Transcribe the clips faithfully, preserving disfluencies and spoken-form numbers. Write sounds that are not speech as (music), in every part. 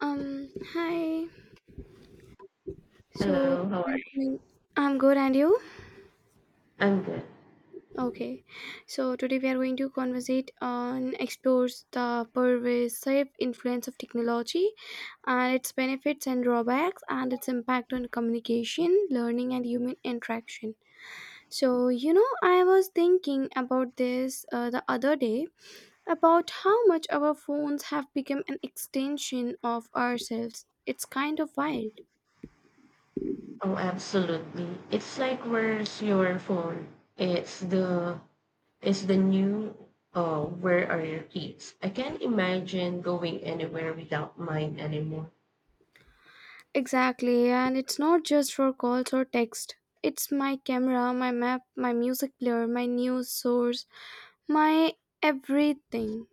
Um, hi. So Hello, how are we are going- I'm good, and you? I'm good. Okay. So today we are going to conversate on explores the pervasive influence of technology, and its benefits and drawbacks, and its impact on communication, learning, and human interaction. So you know, I was thinking about this uh, the other day about how much our phones have become an extension of ourselves. It's kind of wild. Oh, absolutely. It's like where's your phone? It's the it's the new uh where are your keys? I can't imagine going anywhere without mine anymore. Exactly, and it's not just for calls or text. It's my camera, my map, my music player, my news source, my everything.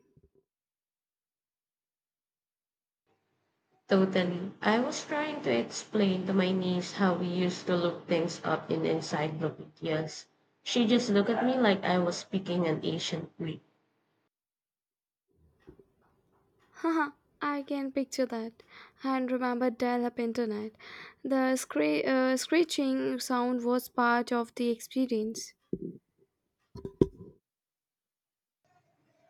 Totally. I was trying to explain to my niece how we used to look things up in encyclopedias. She just looked at me like I was speaking an ancient Greek. (laughs) Haha, I can picture that. And remember dial-up internet. The scre- uh, screeching sound was part of the experience.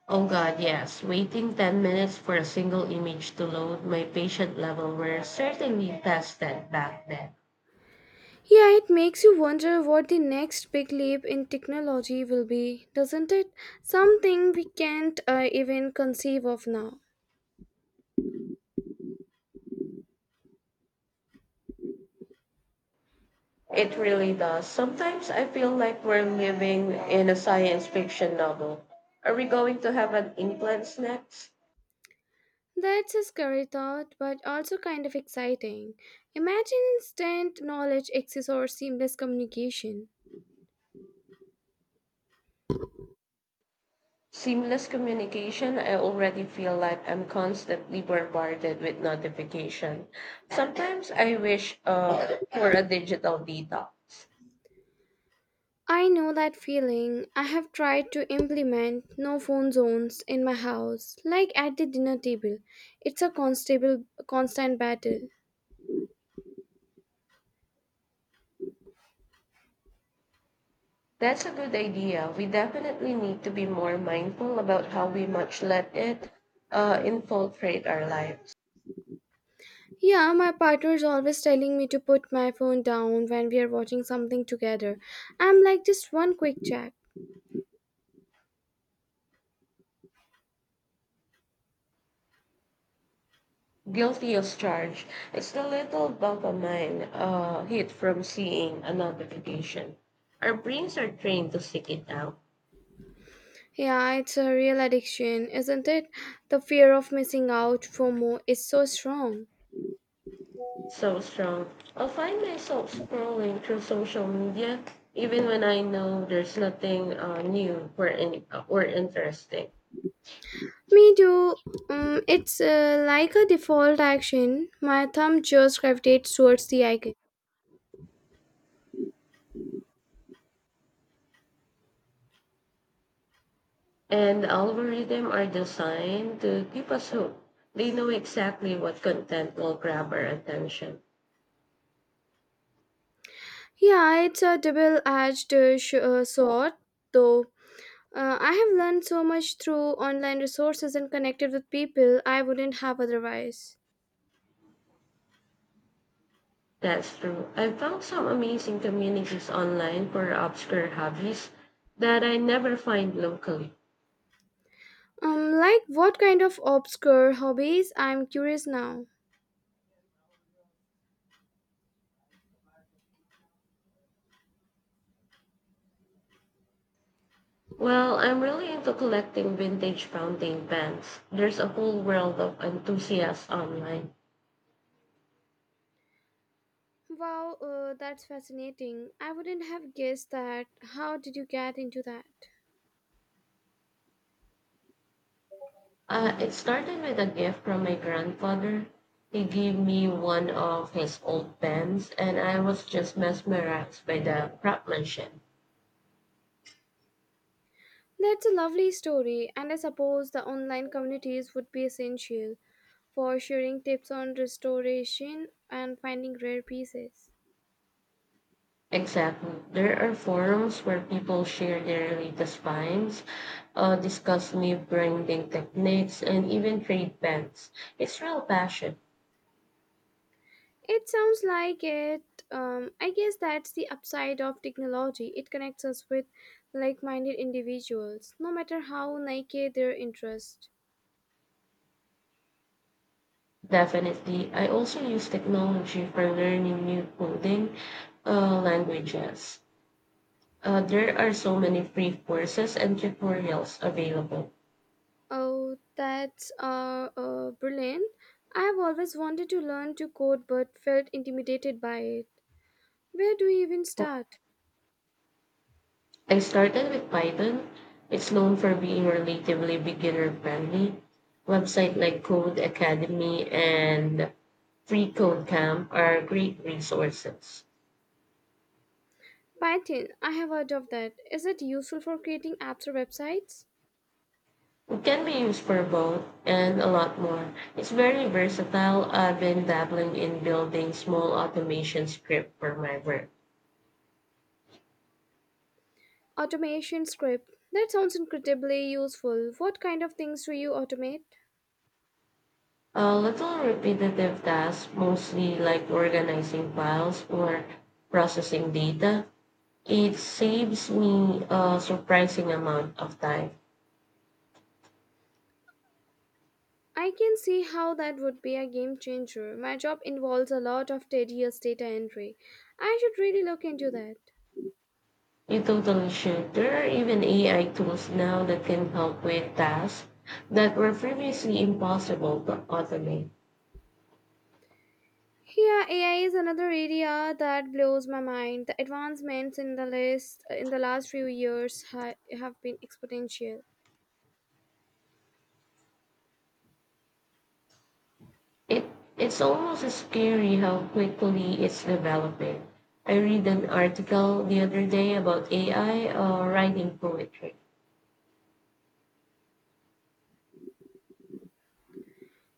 Oh god, yes. Waiting ten minutes for a single image to load, my patient level were certainly tested back then. Yeah, it makes you wonder what the next big leap in technology will be, doesn't it? Something we can't uh, even conceive of now. It really does. Sometimes I feel like we're living in a science fiction novel. Are we going to have an implants next? That's a scary thought, but also kind of exciting. Imagine instant knowledge access or seamless communication. Seamless communication, I already feel like I'm constantly bombarded with notification. Sometimes I wish uh, for a digital detox. I know that feeling. I have tried to implement no phone zones in my house, like at the dinner table. It's a constable, constant battle. That's a good idea. We definitely need to be more mindful about how we much let it uh, infiltrate our lives. Yeah, my partner is always telling me to put my phone down when we are watching something together. I'm like, just one quick check. Guilty as charged. It's the little dopamine uh, hit from seeing a notification. Our brains are trained to seek it out. Yeah, it's a real addiction, isn't it? The fear of missing out, FOMO, is so strong. So strong. I'll find myself scrolling through social media even when I know there's nothing uh, new or, in, or interesting. Me too. Um, it's uh, like a default action. My thumb just gravitates towards the icon. And algorithms are designed to keep us hooked. They know exactly what content will grab our attention. Yeah, it's a double-edged uh, sh- uh, sword, though. Uh, I have learned so much through online resources and connected with people I wouldn't have otherwise. That's true. I found some amazing communities online for obscure hobbies that I never find locally. Um, like what kind of obscure hobbies? I'm curious now. Well, I'm really into collecting vintage fountain pens. There's a whole world of enthusiasts online. Wow, uh, that's fascinating. I wouldn't have guessed that. How did you get into that? Uh, it started with a gift from my grandfather. He gave me one of his old pens, and I was just mesmerized by the craftsmanship. That's a lovely story, and I suppose the online communities would be essential for sharing tips on restoration and finding rare pieces. Exactly. There are forums where people share their latest finds, uh, discuss new branding techniques, and even trade pens. It's real passion. It sounds like it. Um, I guess that's the upside of technology. It connects us with like minded individuals, no matter how naked their interest. Definitely. I also use technology for learning new coding uh, languages. Uh, there are so many free courses and tutorials available. Oh, that's uh, uh, brilliant. I've always wanted to learn to code but felt intimidated by it. Where do you even start? I started with Python. It's known for being relatively beginner friendly. Websites like Code Academy and Free Code Camp are great resources. Python, I have heard of that. Is it useful for creating apps or websites? It can be used for both and a lot more. It's very versatile. I've been dabbling in building small automation script for my work. Automation script. That sounds incredibly useful. What kind of things do you automate? A little repetitive tasks, mostly like organizing files or processing data, it saves me a surprising amount of time. I can see how that would be a game changer. My job involves a lot of tedious data entry. I should really look into that. You totally should. There are even A I tools now that can help with tasks that were previously impossible to automate. Yeah, A I is another area that blows my mind. The advancements in the list uh, in the last few years ha- have been exponential. It it's almost scary how quickly it's developing. I read an article the other day about A I uh, writing poetry.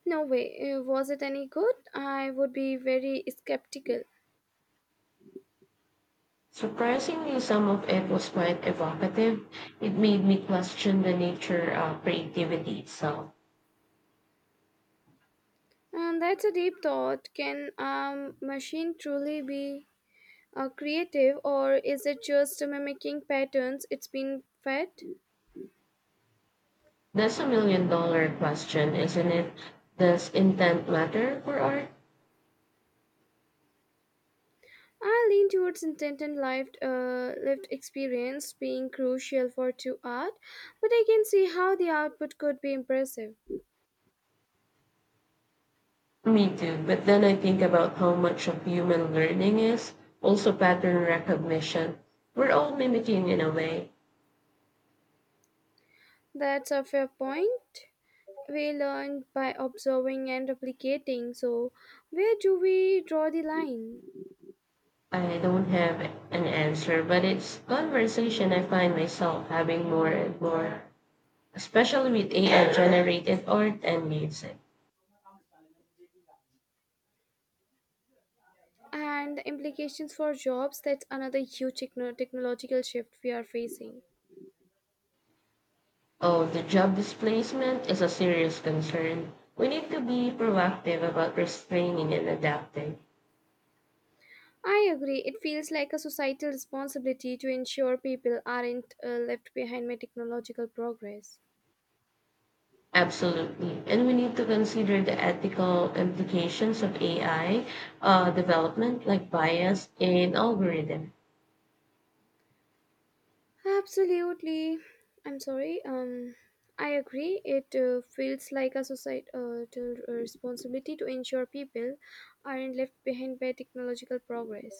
No way, uh, was it any good? I would be very skeptical. Surprisingly, some of it was quite evocative. It made me question the nature of creativity itself. And that's a deep thought. Can a machine truly be uh, creative, or is it just mimicking patterns it's been fed? That's a million dollar question, isn't it? Does intent matter for art? I lean towards intent and lived, uh, lived experience being crucial for to art, but I can see how the output could be impressive. Me too, but then I think about how much of human learning is also pattern recognition. We're all mimicking in a way. That's a fair point. We learn by observing and replicating, so where do we draw the line? I don't have an answer, but it's conversation I find myself having more and more, especially with A I generated art and music. And the implications for jobs, that's another huge techno- technological shift we are facing. Oh, the job displacement is a serious concern. We need to be proactive about restraining and adapting. I agree, it feels like a societal responsibility to ensure people aren't uh, left behind by technological progress. Absolutely. And we need to consider the ethical implications of A I uh, development, like bias in algorithm. Absolutely. I'm sorry. Um, I agree. It uh, feels like a societal uh, responsibility to ensure people aren't left behind by technological progress.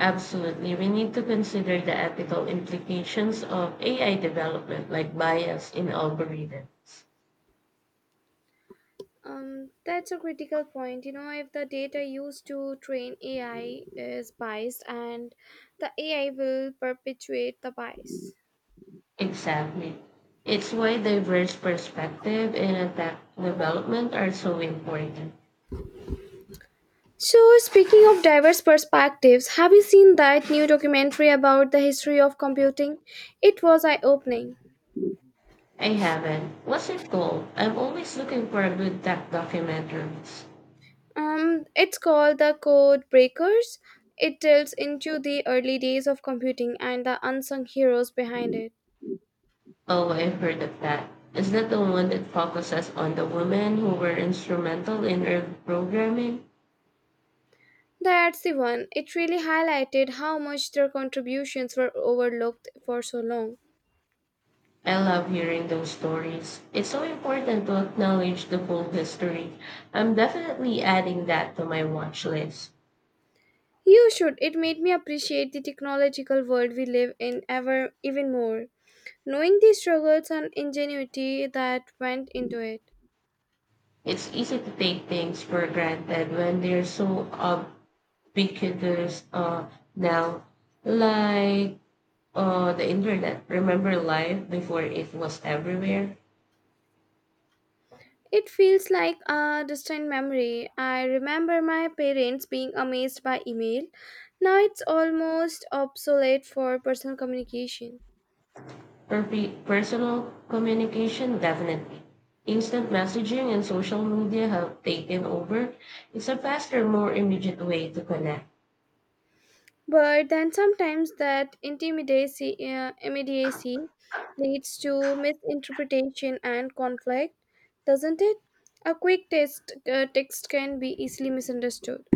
Absolutely. We need to consider the ethical implications of A I development, like bias in algorithms. Um, that's a critical point. You know, if the data used to train A I is biased, and the A I will perpetuate the bias. Exactly. It's why diverse perspective and attack development are so important. So, speaking of diverse perspectives, have you seen that new documentary about the history of computing? It was eye opening. I haven't. What's it called? I'm always looking for a good tech documentaries. Um, it's called the Code Breakers. It delves into the early days of computing and the unsung heroes behind it. Oh, I've heard of that. Is that the one that focuses on the women who were instrumental in early programming? That's the one. It really highlighted how much their contributions were overlooked for so long. I love hearing those stories. It's so important to acknowledge the full history. I'm definitely adding that to my watch list. You should. It made me appreciate the technological world we live in ever even more, knowing the struggles and ingenuity that went into it. It's easy to take things for granted when they're so ubiquitous uh, now, like uh, the internet. Remember life before it was everywhere? It feels like a distant memory. I remember my parents being amazed by email. Now it's almost obsolete for personal communication. Perpe- personal communication, definitely. Instant messaging and social media have taken over. It's a faster, more immediate way to connect. But then sometimes that intimidacy, uh, immediacy leads to misinterpretation and conflict, doesn't it? A quick text, uh, text can be easily misunderstood.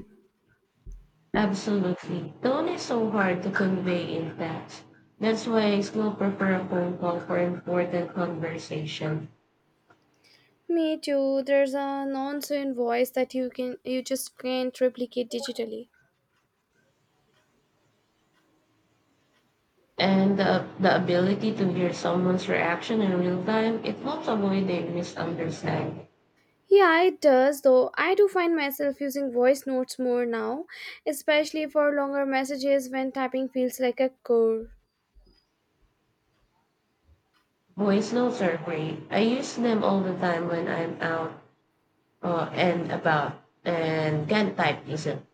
Absolutely. Tone is so hard to convey in text. That's why I still prefer a phone call for important conversation. Me too. There's a nonsense voice that you can you just can't replicate digitally. And the, the ability to hear someone's reaction in real time, it helps avoid the misunderstanding. Yeah, it does, though I do find myself using voice notes more now, especially for longer messages when typing feels like a chore. Voice notes are great. I use them all the time when I'm out uh, and about and can type isn't.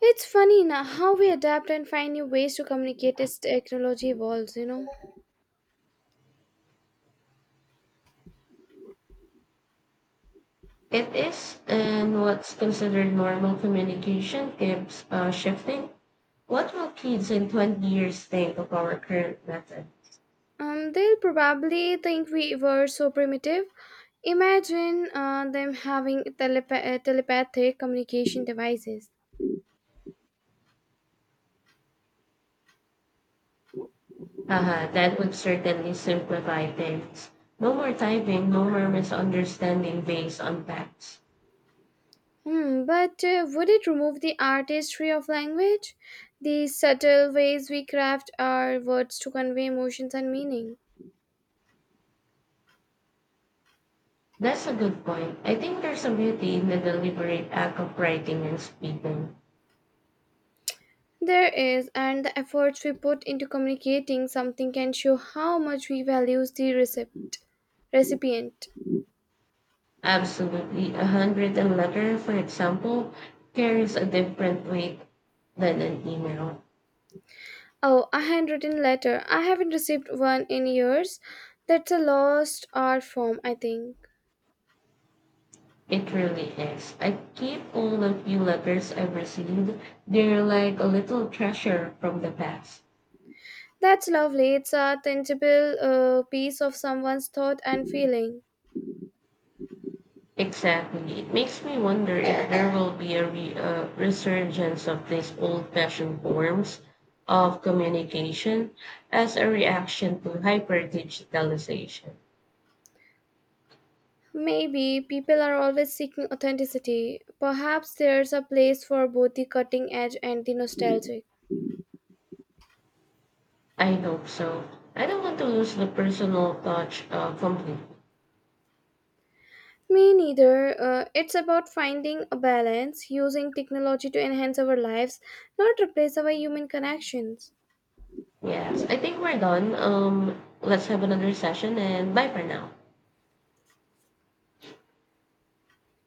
It's funny now how we adapt and find new ways to communicate as technology evolves, you know. It is, and what's considered normal communication keeps uh, shifting. What will kids in twenty years think of our current method? Um, they'll probably think we were so primitive. Imagine uh, them having telepa- uh, telepathic communication devices. Haha, that would certainly simplify things. No more typing, no more misunderstanding based on facts. Hmm, but uh, would it remove the artistry of language? The subtle ways we craft our words to convey emotions and meaning? That's a good point. I think there's a beauty in the deliberate act of writing and speaking. There is, and the efforts we put into communicating something can show how much we value the recipient. recipient. Absolutely. A handwritten letter, for example, carries a different weight than an email. Oh, a handwritten letter. I haven't received one in years. That's a lost art form, I think. It really is. I keep all the few letters I've received. They're like a little treasure from the past. That's lovely. It's a tangible uh, piece of someone's thought and feeling. Exactly. It makes me wonder if there will be a re- uh, resurgence of these old fashioned forms of communication as a reaction to hyper digitalization. Maybe people are always seeking authenticity. Perhaps there's a place for both the cutting edge and the nostalgic. I hope so. I don't want to lose the personal touch uh, completely. Me neither. Uh, it's about finding a balance, using technology to enhance our lives, not replace our human connections. Yes, I think we're done. Um, let's have another session and bye for now.